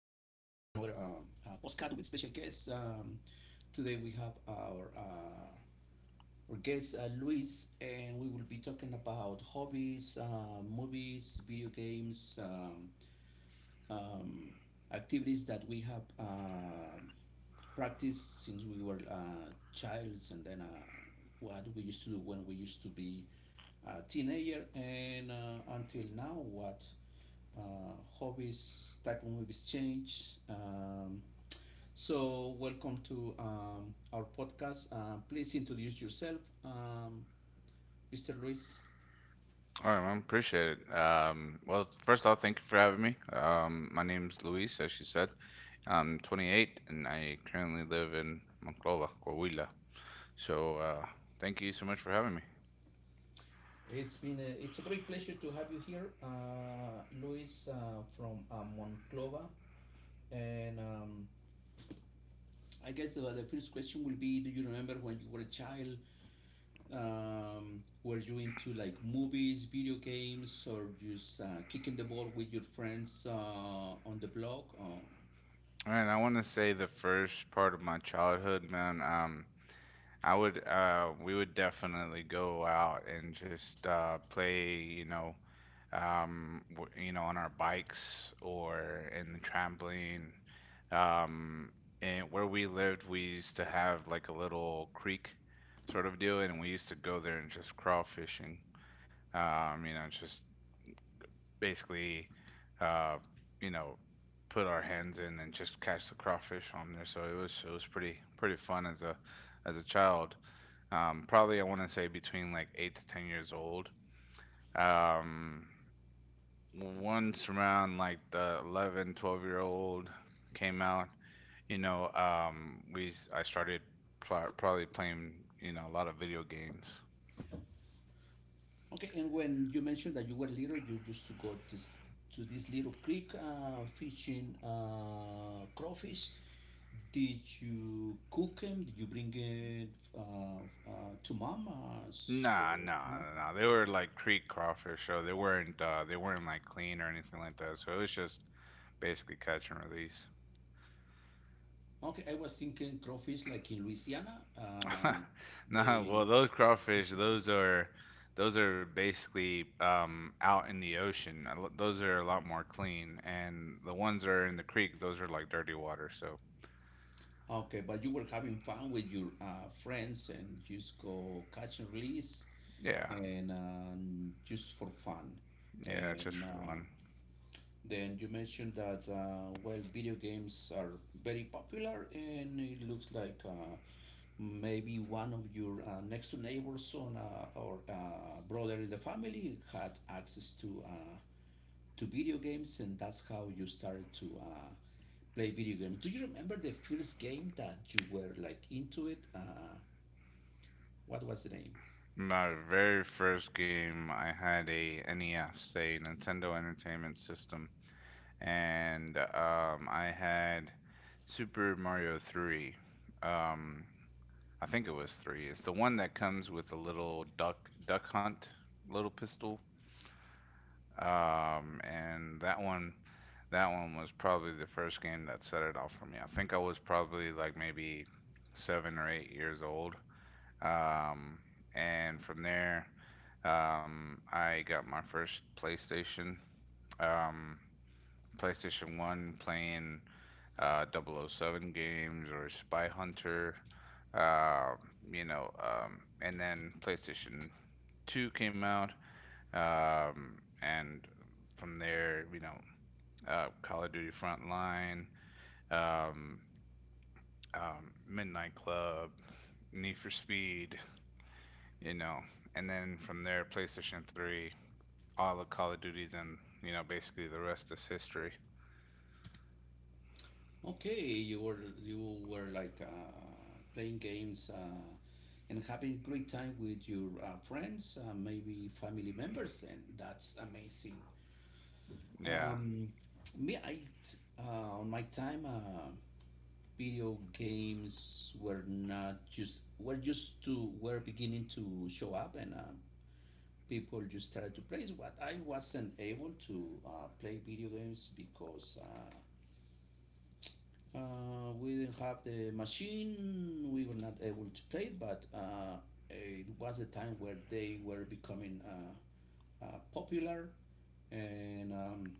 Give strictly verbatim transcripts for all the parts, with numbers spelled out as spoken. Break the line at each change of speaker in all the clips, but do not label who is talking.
um, uh, postcard with special guests. Um, today we have our uh, our guest uh, Luis, and we will be talking about hobbies, uh, movies, video games, um, um, activities that we have uh, practiced since we were uh, childs, and then uh, what we used to do when we used to be uh, teenager, and uh, until now what uh, hobbies, type of movies change. Um, so, welcome to um, our podcast. Uh, please introduce yourself, um, Mister Luis.
All right, man. Appreciate it. Um, well, first off, thank you for having me. Um, my name's Luis, as you said. I'm twenty-eight, and I currently live in Monclova, Coahuila. So, uh, thank you so much for having me.
It's been a, it's a great pleasure to have you here, uh, Luis uh, from uh, Monclova. And um, I guess the, the first question will be: Do you remember when you were a child? Um, were you into like movies, video games, or just uh, kicking the ball with your friends uh, on the block? Um,
And I want to say the first part of my childhood, man. Um, I would, uh, we would definitely go out and just uh, play, you know, um, w- you know, on our bikes or in the trampoline. Um, and where we lived, we used to have like a little creek sort of deal, and we used to go there and just crawfishing. Um, you know, just basically, uh, you know, put our hands in and just catch the crawfish on there. So it was it was pretty pretty fun as a as a child. Um, probably I want to say between like eight to ten years old. Um, Once around like the eleven, twelve year old came out. You know, um, we I started pro- probably playing you know a lot of video games.
okay, and when you mentioned that you were little, you used to go to, s- to this little creek uh, fishing uh, crawfish. Did you cook them? Did you bring it uh, uh, to mama? So
Nah, nah,
no.
nah, nah, they were like creek crawfish, so they weren't uh, they weren't like clean or anything like that. So it was just basically catch and release.
Okay, I was thinking crawfish like in Louisiana. Um,
Nah, well,
they
those crawfish, those are those are basically um, out in the ocean. A lo- Those are a lot more clean, and the ones that are in the creek, those are like dirty water. So
Okay, but you were having fun with your uh, friends and just go catch and release
yeah,
and um, just for fun.
yeah, it's just
And
for
uh,
fun.
Then you mentioned that, uh, well, video games are very popular, and it looks like uh, maybe one of your uh, next to neighbors on, uh, or uh, brother in the family had access to, uh, to video games, and that's how you started to Uh, play video games. Do you remember the first game that you were like into it? Uh, what was the name?
My very first game, I had a N E S, a Nintendo Entertainment System, and um, I had Super Mario three. Um, I think it was three. It's the one that comes with a little duck duck hunt little pistol. Um, and that one that one was probably the first game that set it off for me. I think I was probably like maybe seven or eight years old. Um, and from there, um, I got my first PlayStation. Um, PlayStation one playing uh, double oh 007 games or Spy Hunter. Uh, you know, um, and then PlayStation two came out. Um, and from there, you know, uh, Call of Duty Frontline, um, um, Midnight Club, Need for Speed, you know. And then from there, PlayStation three, all of Call of Duties, and you know, basically the rest is history.
Okay, you were you were like uh, playing games uh, and having great time with your uh, friends, uh, maybe family members, and that's amazing.
Yeah,
Um, Me, I t- uh, on my time, uh, video games were not just were just to were beginning to show up, and uh, people just started to play. What I wasn't able to uh, play video games because uh, uh, we didn't have the machine. We were not able to play it, but uh, it was a time where they were becoming uh, uh, popular. And um,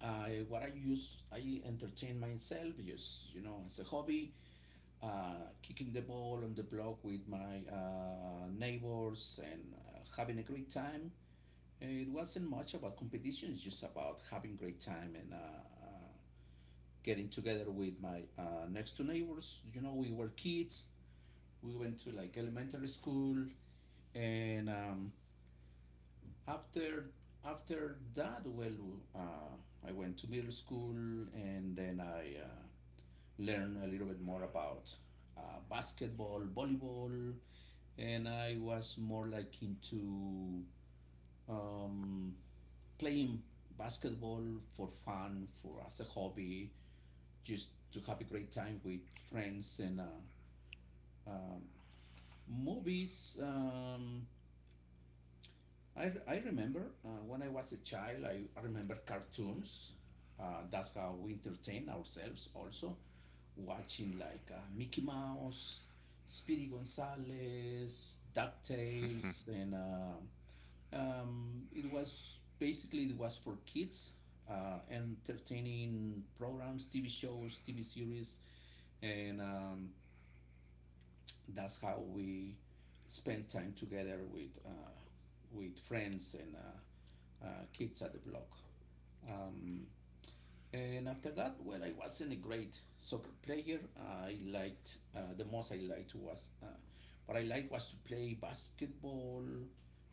I, what I use, I entertain myself just you know as a hobby, uh, kicking the ball on the block with my uh, neighbors and uh, having a great time. It wasn't much about competition. It's just about having great time and uh, uh, getting together with my uh, next two neighbors. You know, we were kids. We went to like elementary school, and um, after after that, well, uh, I went to middle school, and then I uh, learned a little bit more about uh, basketball, volleyball, and I was more like into um, playing basketball for fun, for as a hobby, just to have a great time with friends and uh, um, movies. Um, I, I remember uh, when I was a child, I, I remember cartoons. Uh, that's how we entertain ourselves also, watching like uh, Mickey Mouse, Speedy Gonzales, DuckTales, and uh, Um, it was basically it was for kids, uh, entertaining programs, T V shows, T V series, and um, that's how we spent time together with uh, with friends and uh, uh, kids at the block. Um, and after that, well, I wasn't a great soccer player. I liked uh, the most I liked was uh, what I liked was to play basketball,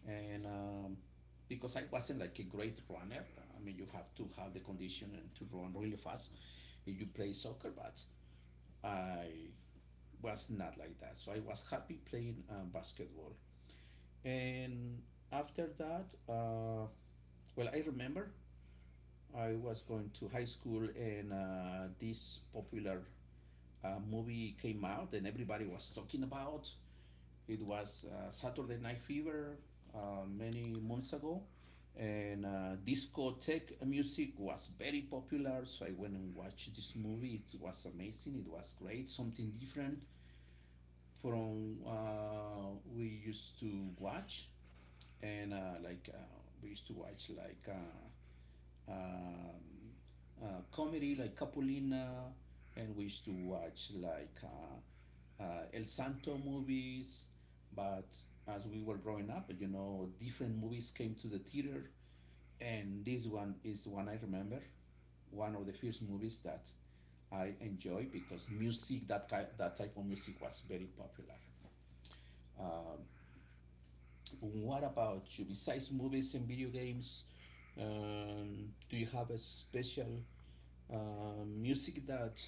and um, because I wasn't like a great runner. I mean, you have to have the condition and to run really fast if you play soccer. But I was not like that, so I was happy playing uh, basketball. And after that, uh, well, I remember I was going to high school and uh, this popular uh, movie came out and everybody was talking about. It was uh, Saturday Night Fever uh, many months ago, and uh, discotheque music was very popular. So I went and watched this movie. It was amazing. It was great. Something different from uh, we used to watch, and uh, like uh, we used to watch like. Uh, um, uh, comedy like Capulina, and we used to watch like uh, uh, El Santo movies. But as we were growing up, you know, different movies came to the theater, and this one is the one I remember. One of the first movies that I enjoy because music that that type of music was very popular. Um, what about you? Besides movies and video games, um, do you have a special Uh, music that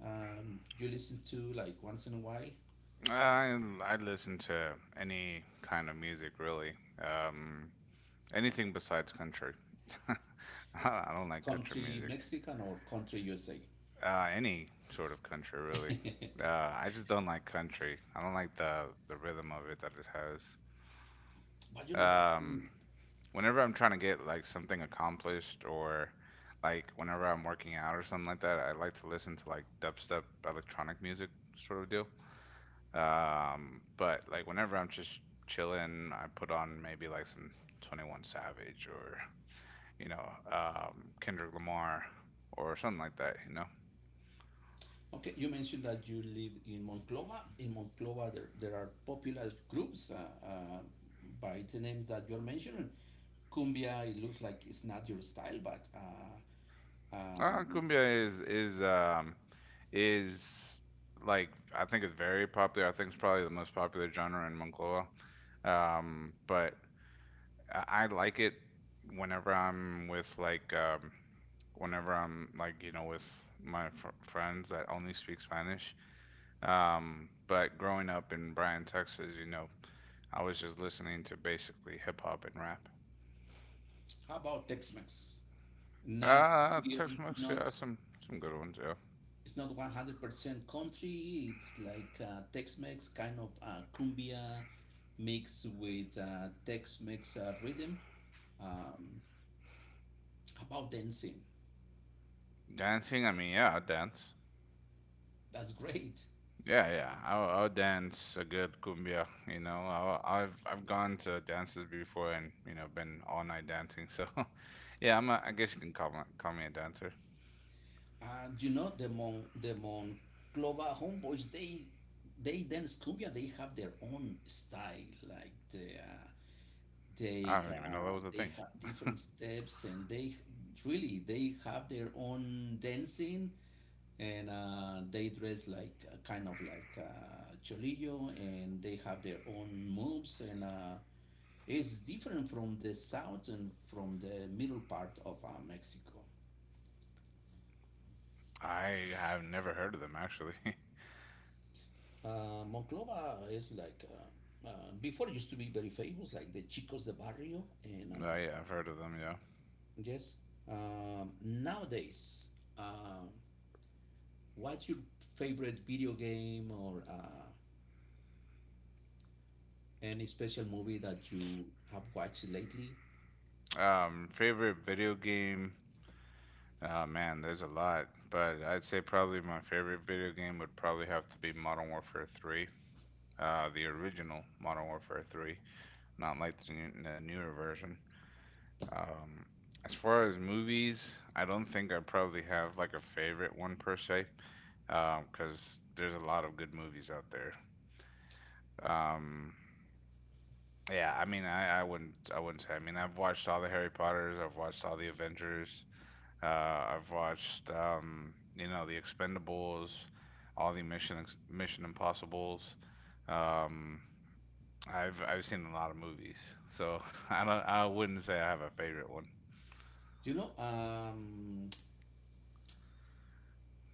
um, you listen to like once in a while,
I I listen to any kind of music really. Um, Anything besides country. I don't like country
country
music.
Mexican or country U S A?
Uh, any sort of country really. Uh, I just don't like country. I don't like the the rhythm of it that it has.
But you know what?
Um,
In-
Whenever I'm trying to get like something accomplished or like whenever I'm working out or something like that, I like to listen to like dubstep electronic music sort of deal. Um, but like whenever I'm just chilling, I put on maybe like some twenty-one Savage or you know um, Kendrick Lamar or something like that. You know,
Okay, you mentioned that you live in Monclova. In Monclova, there, there are popular groups uh, uh, by the names that you're mentioning. Cumbia, it looks like it's not your style, but uh,
uh,
um,
cumbia is is um, is like, I think it's very popular. I think it's probably the most popular genre in Moncloa. Um, but I I like it whenever I'm with, like, um whenever I'm, like, you know with my fr friends that only speak Spanish. Um, but growing up in Bryan, Texas, you know, I was just listening to basically hip hop and rap.
how about Tex-Mex? Not,
Uh, Tex-Mex,
not
yeah, some some good ones, yeah.
it's not one hundred percent country. It's like uh, Tex-Mex, kind of uh, cumbia mixed with uh, Tex-Mex uh, rhythm. Um, about dancing,
Dancing, I mean, yeah, I dance.
that's great.
Yeah, yeah, I'll, I'll dance a good cumbia. You know, I'll, I've I've gone to dances before and you know been all night dancing. So, yeah, I'm a, I guess you can call me call me a dancer.
And you know the Mon the Monclova homeboys, they they dance cumbia. They have their own style. Like the, uh,
I
they
don't even know that
uh,
was a
they
thing.
have different steps, and they really they have their own dancing and uh, they dress like uh, kind of like uh, cholillo and they have their own moves and uh, it's different from the south and from the middle part of uh, Mexico.
I have never heard of them actually.
uh, Monclova is like uh, uh, before it used to be very famous like the chicos de barrio and
Oh
uh,
yeah, I've heard of them. Yeah.
yes, um, nowadays uh, what's your favorite video game or uh, any special movie that you have watched lately?
Um, favorite video game. Uh, man, there's a lot, but I'd say probably my favorite video game would probably have to be Modern Warfare three, uh, the original Modern Warfare three, not like the, new, the newer version. Um, as far as movies, I don't think I probably have like a favorite one per se, because there's a lot of good movies out there. Um, Yeah, I mean, I, I wouldn't, I wouldn't say. I mean, I've watched all the Harry Potters, I've watched all the Avengers, uh, I've watched, um, you know, the Expendables, all the Mission Ex- Mission Impossibles. Um, I've I've seen a lot of movies, so I don't, I wouldn't say I have a favorite one.
You know, um,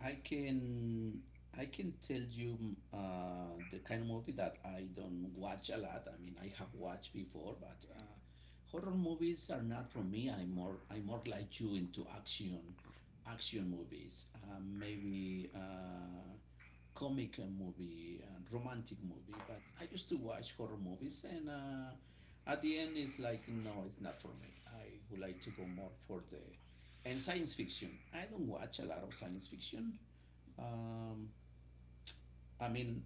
I can I can tell you mm, uh, the kind of movie that I don't watch a lot. I mean, I have watched before, but uh, horror movies are not for me. I'm more I'm more like you into action action movies, uh, maybe uh, comic uh, movie, and romantic movie. But I used to watch horror movies, and uh, at the end, it's like no, it's not for me. I would like to go more for the and science fiction. I don't watch a lot of science fiction. Um, I mean,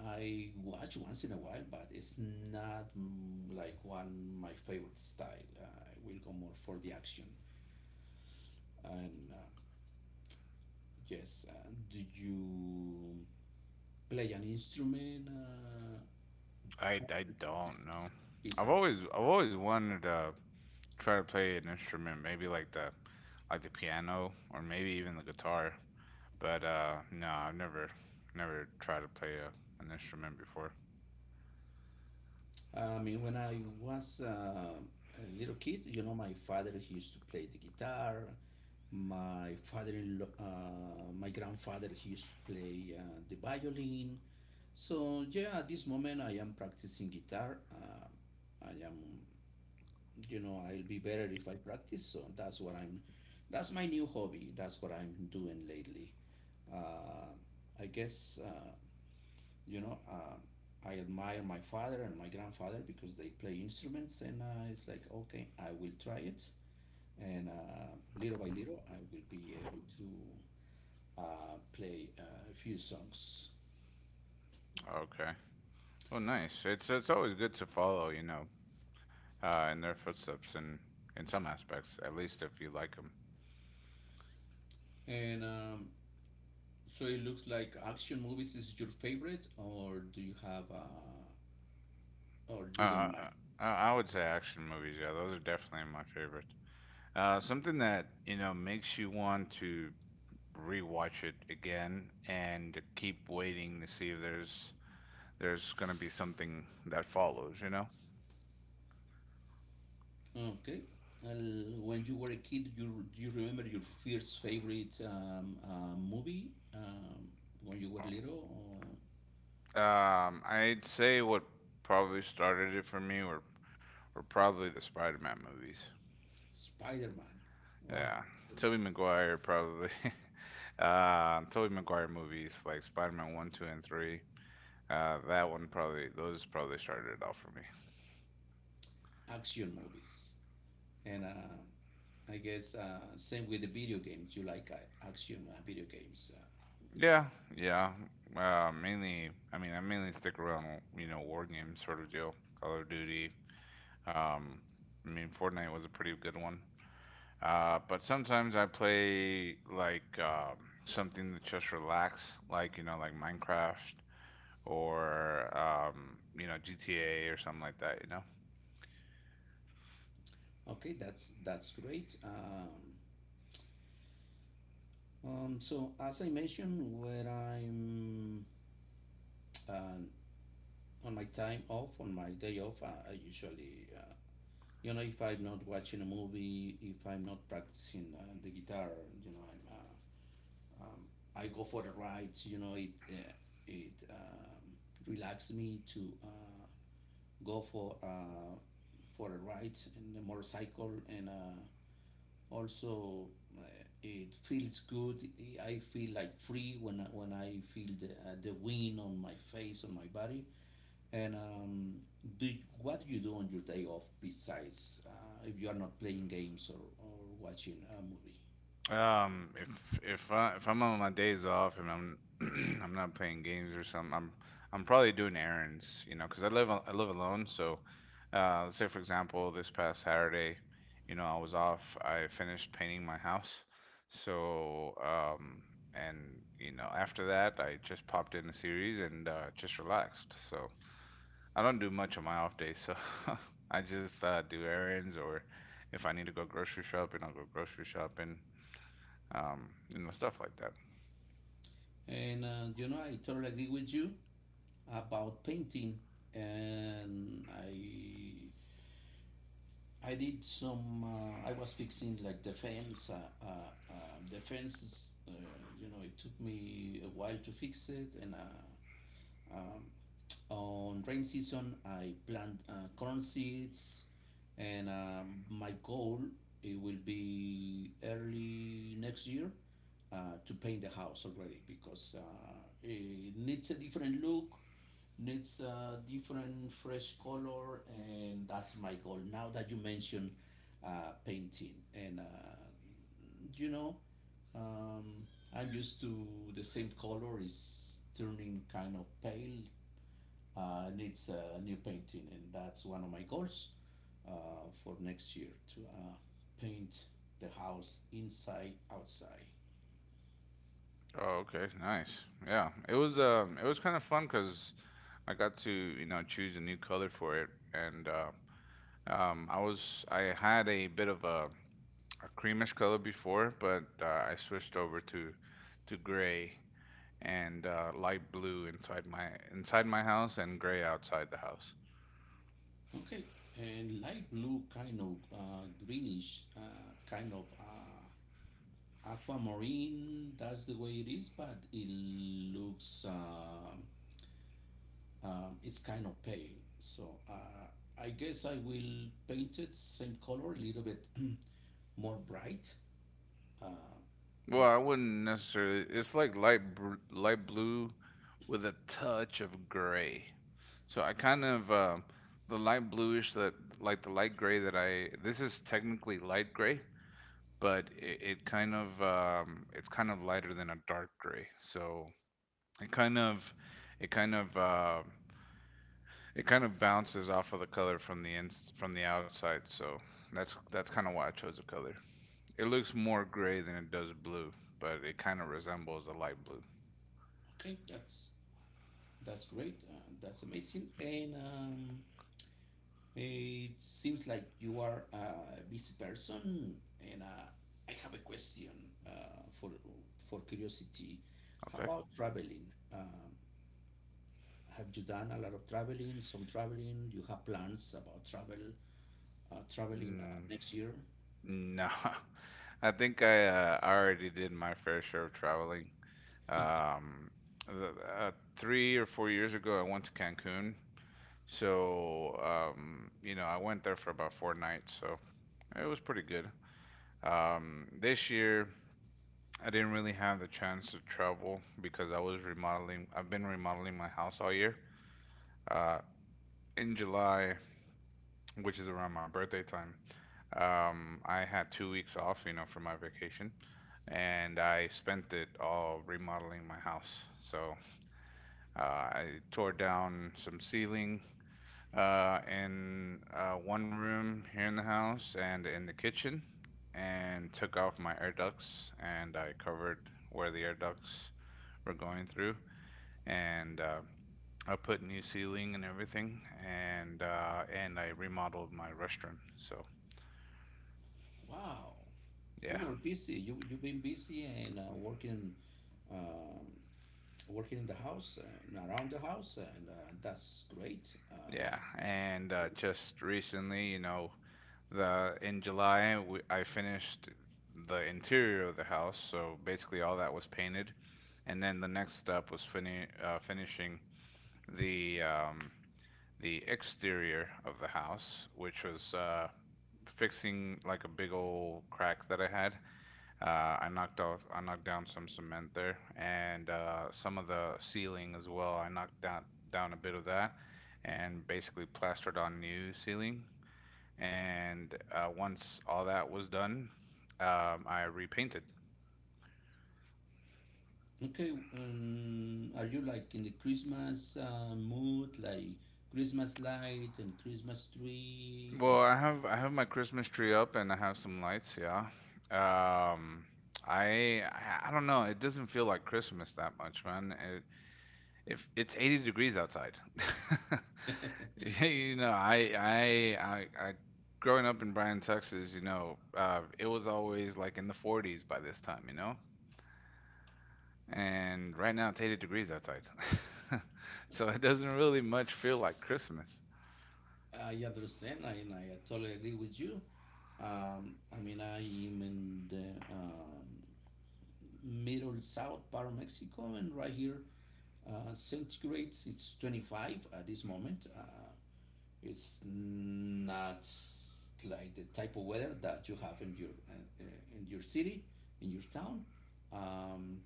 I watch once in a while, but it's not mm, like one my favorite style. Uh, I will go more for the action. And uh, Yes, uh, do you play an instrument? Uh,
I,
how
I
do you
don't know.
yourself
I've
besides? Playing?
always I've always wanted to try to play an instrument, maybe like the like the piano or maybe even the guitar. But uh, no, I've never never tried to play a, an instrument before.
I mean, when I was uh, a little kid, you know, my father he used to play the guitar. My father uh, my grandfather, he used to play uh, the violin. So yeah, at this moment I am practicing guitar. Uh, I am, you know, I'll be better if I practice. So that's what I'm. That's my new hobby. That's what I'm doing lately. Uh, I guess uh, you know uh, I admire my father and my grandfather because they play instruments and uh, it's like okay, I will try it and uh, little by little, I will be able to uh, play uh, a few songs.
Okay. Well, nice. It's it's always good to follow, you know, uh, in their footsteps in in some aspects, at least if you like them.
And um, So it looks like action movies is your favorite or do you have uh, or
Uh,
you don't mind.
uh, uh, I would say action movies. Yeah, those are definitely my favorites. Uh, something that, you know, makes you want to rewatch it again and keep waiting to see if there's there's gonna be something that follows, you know?
Okay. Well, when you were a kid, you do you remember your first favorite um, uh, movie um, when you were little?
Um, I'd say what probably started it for me were were probably the Spider-Man movies.
Spider Man. Wow.
Yeah, Tobey
Yes.
Maguire probably. uh, Tobey Maguire movies like Spider-Man one, two, and three. Uh, that one probably those probably started it off for me.
Action movies. And uh, I guess uh, same with the video games. You like uh, action uh, video games. Uh,
Yeah, yeah. Uh, mainly, I mean, I mainly stick around you know war games sort of deal, Call of Duty. Um, I mean, Fortnite was a pretty good one. Uh, but sometimes I play like um, something that just relax, like you know, like Minecraft or um, you know, G T A or something like that, you know.
okay, that's that's great. Um, um, so as I mentioned, when I'm uh, on my time off, on my day off, uh, I usually, uh, you know, if I'm not watching a movie, if I'm not practicing uh, the guitar, you know, I'm uh, um, I go for the rides. You know, it uh, it um, relaxes me to uh, go for uh, for the rides and the motorcycle, and uh, also uh, it feels good. I feel like free when I, when I feel the uh, the wind on my face, on my body. And um, Do you- what do you do on your day off besides uh, if you are not playing games or or watching a movie?
Um, if if I if I'm on my days off and I'm I'm not playing games or something, I'm I'm probably doing errands, you know, 'cause I live al- I live alone. So, uh, let's say for example, this past Saturday, you know, I was off. I finished painting my house. So, um, and you know, after that, I just popped in a series and uh, just relaxed. So I don't do much on my off days. So I just uh, do errands, or if I need to go grocery shopping, I'll go grocery shopping, um, you know, stuff like that.
And uh, you know, I totally agree with you about painting, and I I did some. Uh, I was fixing like the fence, uh, uh, uh, the fences. Uh, you know, it took me a while to fix it, and uh, um, on rain season, I plant uh, corn seeds, and um, my goal, it will be early next year uh, to paint the house already because uh, it needs a different look, needs a different fresh color, and that's my goal now that you mentioned uh, painting. And uh, you know um, I'm used to the same color is turning kind of pale, uh, needs a new painting, and that's one of my goals uh, for next year to uh, paint the house inside outside.
Oh, okay, nice. Yeah, it was um, it was kind of fun because I got to you know choose a new color for it, and uh, um, I was I had a bit of a, a creamish color before, but uh, I switched over to to gray, and uh, light blue inside my inside my house, and gray outside the house.
Okay, and light blue, kind of uh, greenish, uh, kind of uh, aquamarine, that's the way it is, but it looks um, um, it's kind of pale, so uh, I guess I will paint it same color a little bit more bright uh,
Well, I
but
wouldn't necessarily. It's like light br light blue with a touch of gray. So I kind of uh, the light bluish that, like, the light gray that I, this is technically light gray, but it, it kind of, um, it's kind of lighter than a dark gray. So it kind of it kind of uh, it kind of bounces off of the color from the ins from the outside. So that's that's kind of why I chose the color. It looks more gray than it does blue, but it kind of resembles a light blue.
okay, that's that's great, uh, that's amazing. And um, it seems like you are a busy person, and uh, I have a question uh, for for curiosity. How
Okay.
about traveling? Um, have you done a lot of traveling, some traveling? Do you have plans about travel, uh, traveling uh,
Mm,
next year?
no, I think I uh, I already did my fair share of traveling. Um, uh, Three or four years ago, I went to Cancun. So, um, you know, I went there for about four nights. So it was pretty good. Um, this year, I didn't really have the chance to travel because I was remodeling. I've been remodeling my house all year. Uh, in July, which is around my birthday time, um, I had two weeks off, you know, for my vacation, and I spent it all remodeling my house. So, Uh, I tore down some ceiling uh, in uh, one room here in the house and in the kitchen, and took off my air ducts, and I covered where the air ducts were going through, and uh, I put new ceiling and everything, and uh, and I remodeled my restroom. So
Wow, you
yeah,
were busy. You, you've been busy, and uh, working, uh, working in the house and around the house, and uh, that's great uh,
yeah, and uh, just recently, you know, The in July we, I finished the interior of the house, so basically all that was painted, and then the next step was fini uh, finishing the um, the exterior of the house, which was uh, fixing like a big old crack that I had. Uh, I knocked off I knocked down some cement there, and uh, some of the ceiling as well. I knocked down down a bit of that, and basically plastered on new ceiling, and uh, once all that was done, um, I repainted.
Okay, um, are you like in the Christmas uh, mood, like Christmas light and Christmas tree?
Well, I have I have my Christmas tree up and I have some lights, yeah. Um, I I I don't know. It doesn't feel like Christmas that much, man. It, if it's eighty degrees outside.
Uh,
You know, I I I I growing up in Bryan, Texas, you know, uh it was always like in the forties by this time, you know? And right now it's eighty degrees outside. So it doesn't really much feel like Christmas.
I understand, and I totally agree with you. Um, I mean, I am in the um, middle south part of Mexico, and right here, uh, centigrades, it's twenty-five at this moment. Uh, it's not like the type of weather that you have in your uh, uh, in your city, in your town. Um,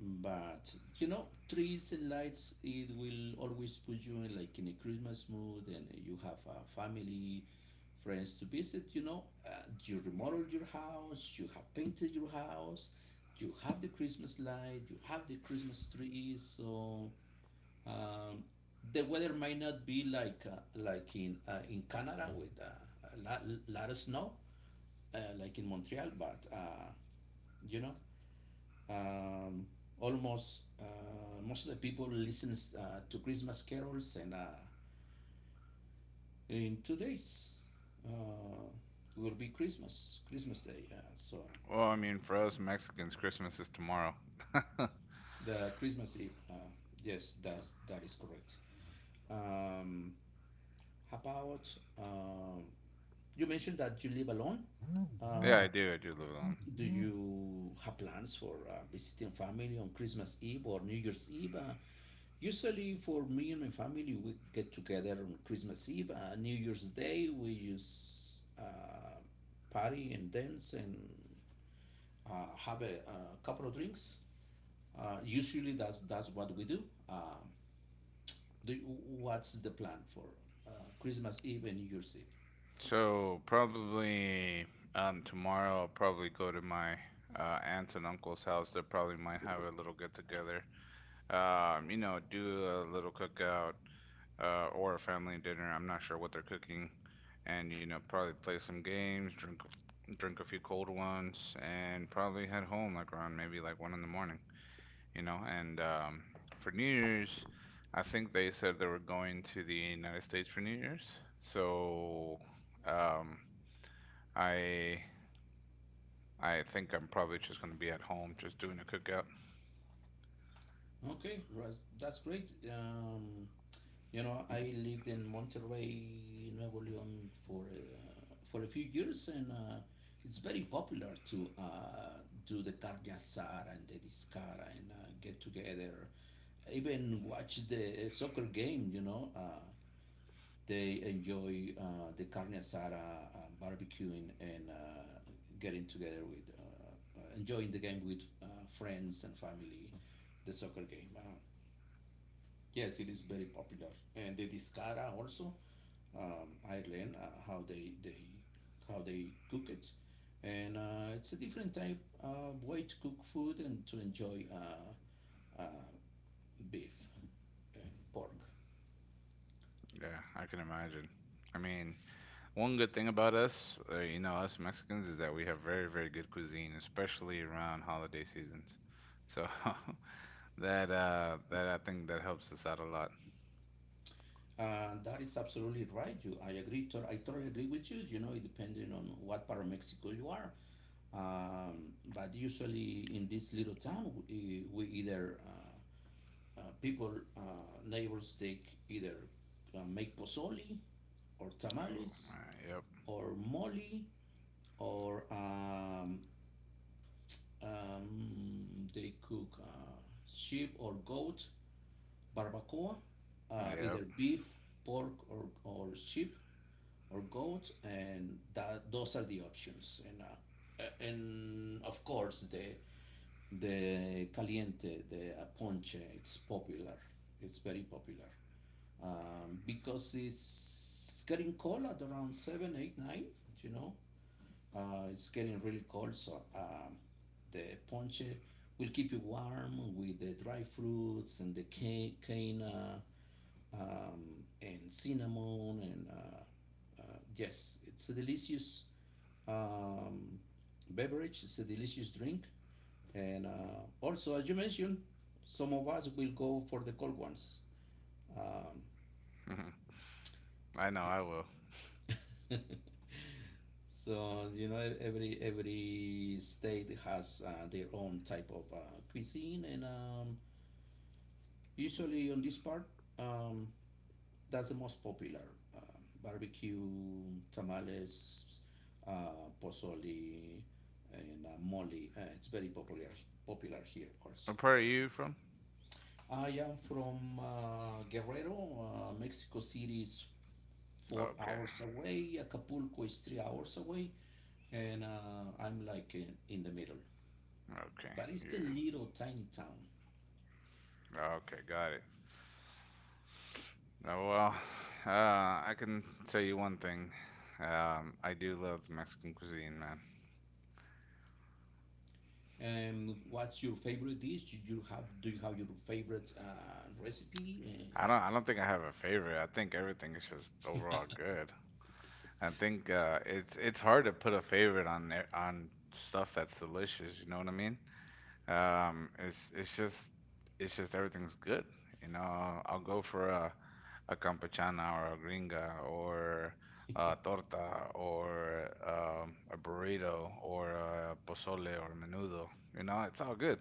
but you know, trees and lights, it will always put you in like in a Christmas mood, and you have a family, friends to visit. You know, uh, you remodeled your house, you have painted your house, you have the Christmas light, you have the Christmas tree. So um, the weather might not be like uh, like in uh, in Canada with uh, a lot, lot of snow, uh, like in Montreal, but uh, you know um, almost uh, most of the people listens uh, to Christmas carols, and uh, in two days uh, will be Christmas, Christmas Day. Uh, so
Well, I mean, for us Mexicans, Christmas is tomorrow.
the Christmas Eve. Uh, yes, that's that is correct. Um, how about um, you mentioned that you live alone.
Yeah,
Uh,
I do. I do live alone.
do you have plans for uh, visiting family on Christmas Eve or New Year's Eve? Uh, Usually, for me and my family, we get together on Christmas Eve, uh, New Year's Day. We use uh, party and dance and uh, have a, a couple of drinks. Uh, usually, that's that's what we do. Um, do you- what's the plan for uh, Christmas Eve and New Year's Eve?
So probably um tomorrow I'll probably go to my uh, aunt and uncle's house. They probably might have a little get together. Um, you know, do a little cookout, uh, or a family dinner. I'm not sure what they're cooking, and you know, probably play some games, drink drink a few cold ones, and probably head home like around maybe like one in the morning. You know, and um, for New Year's, I think they said they were going to the United States for New Year's. So um, I I think I'm probably just gonna be at home, just doing a cookout.
Okay, that's great. Um, You know, I lived in Monterrey, Nuevo León for uh, for a few years, and uh, it's very popular to uh, do the carne asada and the discara and uh, get together. Even watch the soccer game. You know, uh, they enjoy uh, the carne asada, uh, barbecuing, and uh, getting together with uh, uh, enjoying the game with uh, friends and family. The soccer game. Uh, yes, it is very popular, and the discara also um, Ireland, uh, how they they how they cook it, and uh, it's a different type of way to cook food and to enjoy uh, uh, beef and pork.
Yeah, I can imagine. I mean, one good thing about us, uh, you know, us Mexicans, is that we have very, very good cuisine, especially around holiday seasons. So that uh that I think that helps us out a lot.
Uh, that is absolutely right. You, I agree. To, I totally agree with you. You know, it depending on what part of Mexico you are. Um, but usually in this little town, we, we either uh, uh, people uh, neighbors take either uh, make pozole or
Oh,
tamales
man, yep,
or mole or um, um, they cook uh, sheep or goat barbacoa, uh,
yep.
either beef, pork, or, or sheep or goat, and that those are the options. And uh, a- and of course the the caliente, the uh, ponche, it's popular. It's very popular um, because it's getting cold at around seven, eight, nine. You know, Uh, it's getting really cold, so um, the ponche will keep you warm with the dry fruits and the cane, cane uh, um, and cinnamon. And uh, uh, yes, it's a delicious um, beverage, it's a delicious drink. And uh, also, as you mentioned, some of us will go for the cold ones. Um,
Mhm. I know I will.
So you know, every every state has uh, their own type of uh, cuisine, and um, usually on this part, um, that's the most popular: um, barbecue, tamales, uh, pozole, and uh, mole. Uh, it's very popular popular here also.
What part are you from?
I am from uh, Guerrero. Uh, Mexico City is four
Okay,
hours away. Acapulco is three hours away, and uh, I'm like in, in the middle,
okay,
but it's a
yeah,
little tiny town.
okay, got it. Oh, well, uh, I can tell you one thing. Um, I do love Mexican cuisine, man.
And Um, what's your favorite dish? Do you have, do you have your favorite uh, recipe?
I don't, I don't think I have a favorite. I think everything is just overall good. I think uh, it's it's hard to put a favorite on there- on stuff that's delicious. You know what I mean? Um, it's it's just it's just everything's good. You know, I'll go for a a campechana or a gringa or a torta or um, a burrito or a pozole or menudo. You know, it's all good.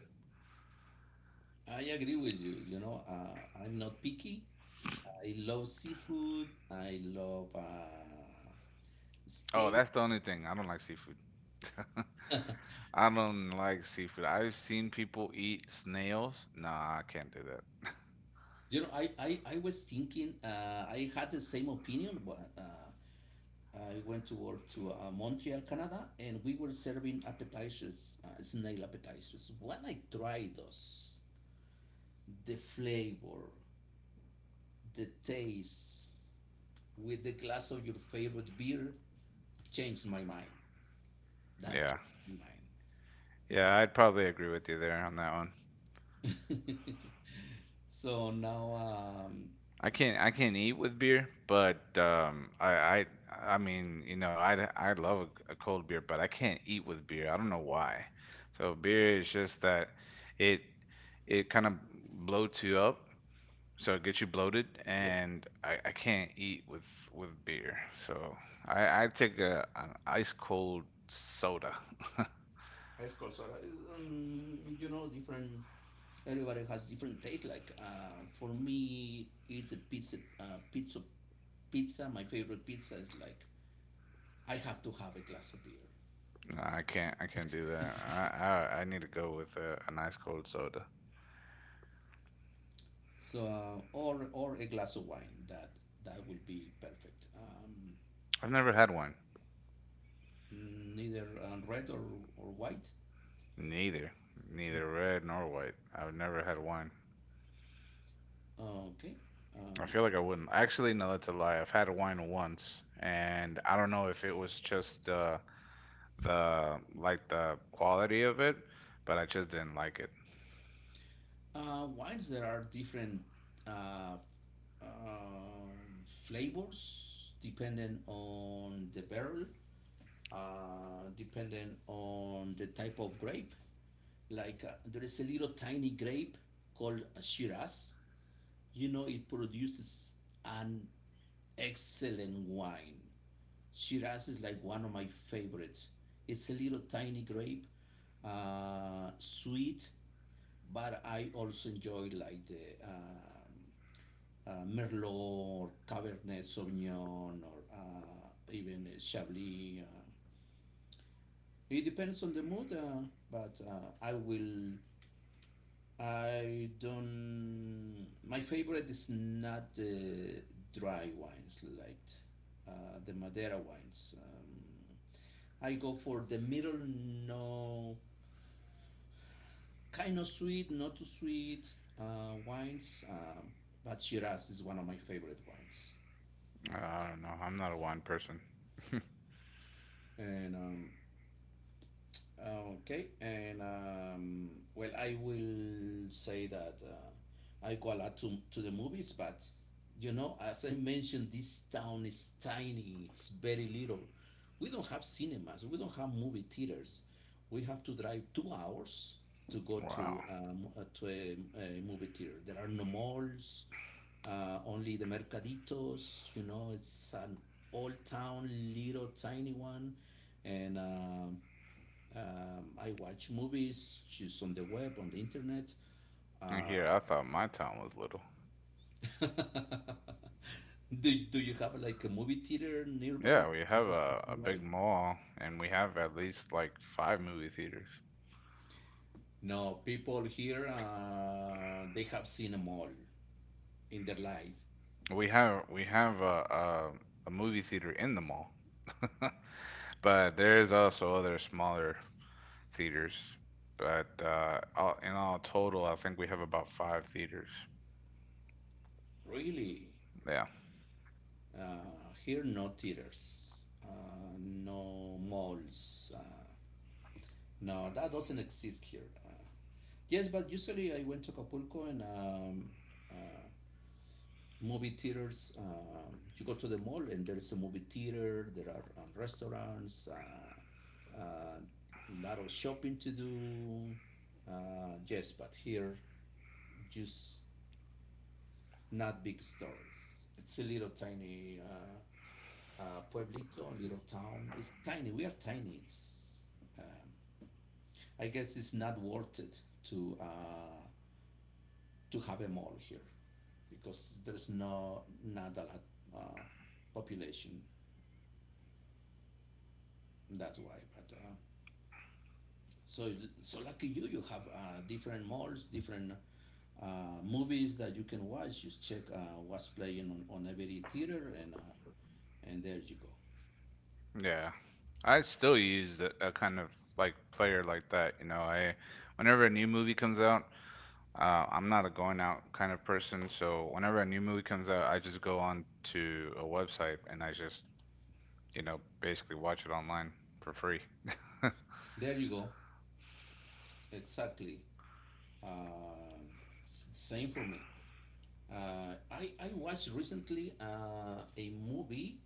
Uh, I agree with you. You know, uh, I'm not picky. I love seafood. I love uh,
Oh,
steak.
that's the only thing. I don't like seafood. I don't like seafood. I've seen people eat snails. Nah, I can't do that.
You know, I, I, I was thinking uh, I had the same opinion, but uh, I went to work to uh, Montreal, Canada, and we were serving appetizers, uh, snail appetizers. When I tried those, the flavor, the taste with the glass of your favorite beer changed my mind. That
Yeah.
changed my
Yeah, I'd probably agree with you there on that one.
mind. So now, um,
I can't I can't eat with beer, but um, I I I mean you know I I love a, a cold beer, but I can't eat with beer. I don't know why. So beer is just that it it kind of bloats you up, so it gets you bloated,
yes,
and I, I can't eat with with beer. So I I take a an ice cold soda.
ice cold soda is, um, you know, different. Everybody has different taste. Like uh, for me, it's a pizza, uh, pizza, pizza. My favorite pizza is like I have to have a glass of beer.
No, I can't I can't do that. I I, I need to go with a, an ice cold soda.
So uh, or or a glass of wine. That that will be perfect. Um,
I've never had one.
Neither uh, red or, or white?
Neither, neither red nor white. I've never had wine.
No. Okay.
I
Uh,
feel like I wouldn't. Actually, no, that's a lie. I've had wine once, and I don't know if it was just uh, the like the quality of it, but I just didn't like it.
uh, Wines, there are different uh, um, flavors depending on the barrel, uh, depending on the type of grape. Like uh, there is a little tiny grape called Shiraz. You know, it produces an excellent wine. Shiraz is like one of my favorites. It's a little tiny grape, uh, sweet, but I also enjoy like the um, uh, Merlot or Cabernet Sauvignon or uh, even uh, Chablis. Uh, it depends on the mood, uh, but uh, I will. I don't. My favorite is not the dry wines like uh, the Madeira wines. Um, I go for the middle, no, kind of sweet, not too sweet uh, wines. Um, but Shiraz is one of my favorite wines.
Uh, I don't know. I'm not a wine person.
And um, okay, and um, well, I will say that uh, I go a lot to, to the movies, but you know, as I mentioned, this town is tiny, it's very little. We don't have cinemas, we don't have movie theaters. We have to drive two hours to go
Wow.
to, um, uh, to a, a movie theater. There are no malls, uh, only the mercaditos, you know, it's an old town, little tiny one. And um um, I watch movies, just on the web, on the internet.
And here,
Uh,
I thought my town was little.
do, do you have like a movie theater nearby?
Yeah, we
You
have
go once
a,
in
a
a while?
big mall, and we have at least like five movie theaters.
No, people here, uh, they have seen them all in their life.
We have we have a, a a movie theater in the mall, but there is also other smaller theaters, but uh, all, in all total, I think we have about five theaters.
Really?
Yeah,
Uh, here, no theaters, uh, no malls. Uh, no, that doesn't exist here. Uh, yes, but usually I went to Acapulco and um, uh, movie theaters. Um, you go to the mall and there's a movie theater. There are um, restaurants. A uh, uh, lot of shopping to do. Uh, yes, but here just not big stores. It's a little tiny uh, uh, pueblito, little town. It's tiny. We are tiny. It's um, I guess it's not worth it to uh, to have a mall here because there's no not a lot uh, population. That's why. But uh, so so lucky you, you have uh, different malls, different uh, movies that you can watch. Just check uh, what's playing on, on every theater, and uh, and there you go.
yeah. I still use a, a kind of like player like that. You know, I whenever a new movie comes out, uh, I'm not a going out kind of person, so whenever a new movie comes out, I just go on to a website and I just, you know, basically watch it online for free.
There you go. Exactly. Um s- same for me. Uh, I I watched recently uh, a movie.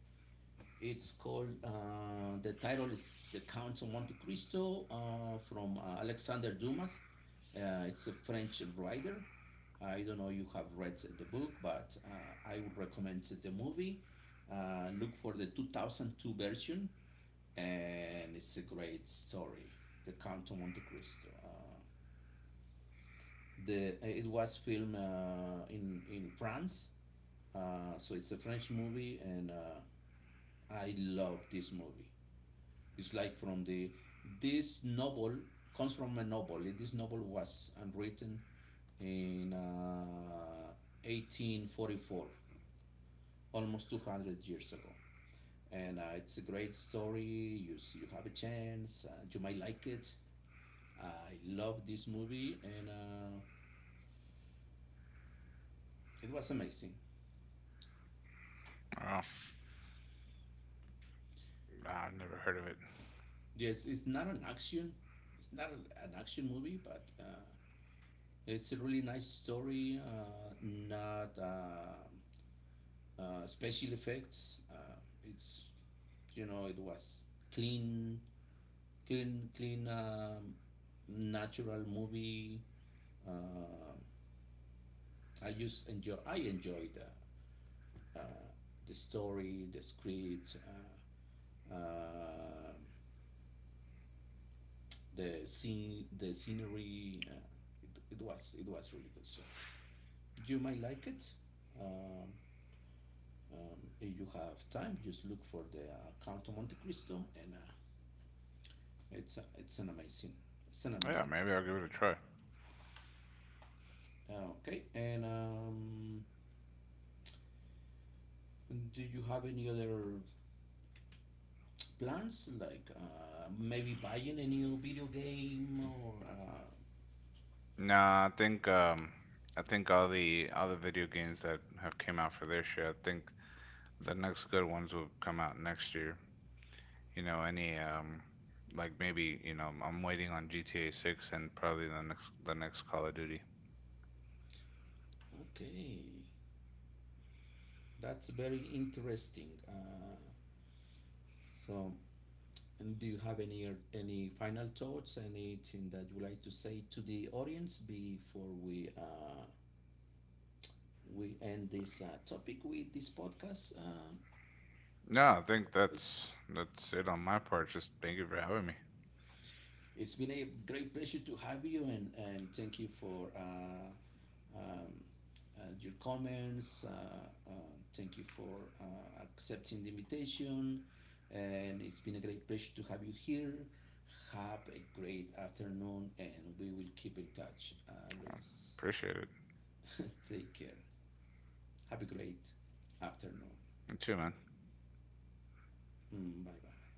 It's called uh, the title is The Count of Monte Cristo uh, from uh, Alexander Dumas. Uh, it's a French writer. I don't know you have read the book, but uh, I would recommend the movie. Uh, look for the two thousand two version, and it's a great story. The Count of Monte Cristo. Uh, the it was filmed uh, in in France, uh, so it's a French movie, and uh, I love this movie. It's like from the this novel comes from a novel. This novel was uh, written in uh, eighteen forty-four, almost two hundred years ago. And uh, it's a great story. You, you have a chance. Uh, you might like it. I love this movie, and uh, it was amazing.
Oh, nah, I've never heard of it.
Yes, it's not an action. It's not a, an action movie, but uh, it's a really nice story. Uh, not uh, uh, special effects. Uh, it's you know it was clean, clean, clean, um, natural movie. Uh, I just enjoy. I enjoyed the uh, the story, the script, uh, uh, the scene, the scenery. Uh, it, it was it was really good. So you might like it. Um, um, if you have time, just look for the uh, Count of Monte Cristo, and uh, it's a- it's an amazing, it's an
Yeah,
amazing.
maybe I'll give it a try.
Uh, Okay, and um, do you have any other plans, like uh, maybe buying a new video game or uh,
Nah, I think um, I think all the all the video games that have came out for this year, I think the next good ones will come out next year. You know, any um, like maybe you know, I'm waiting on G T A six and probably the next the next Call of Duty.
Okay, that's very interesting. Uh, so, and do you have any any final thoughts? Anything that you like to say to the audience before we uh, we end this uh, topic with this podcast? Uh,
No, I think
Luis?
that's that's it on my part. Just thank you for having me.
It's been a great pleasure to have you, and, and thank you for uh, um, uh, your comments. Uh, uh, Thank you for uh, accepting the invitation, and it's been a great pleasure to have you here. Have a great afternoon, and we will keep in touch, uh, Luis.
Appreciate it.
Take care. Have a great afternoon.
You too, man.
Mm, bye bye.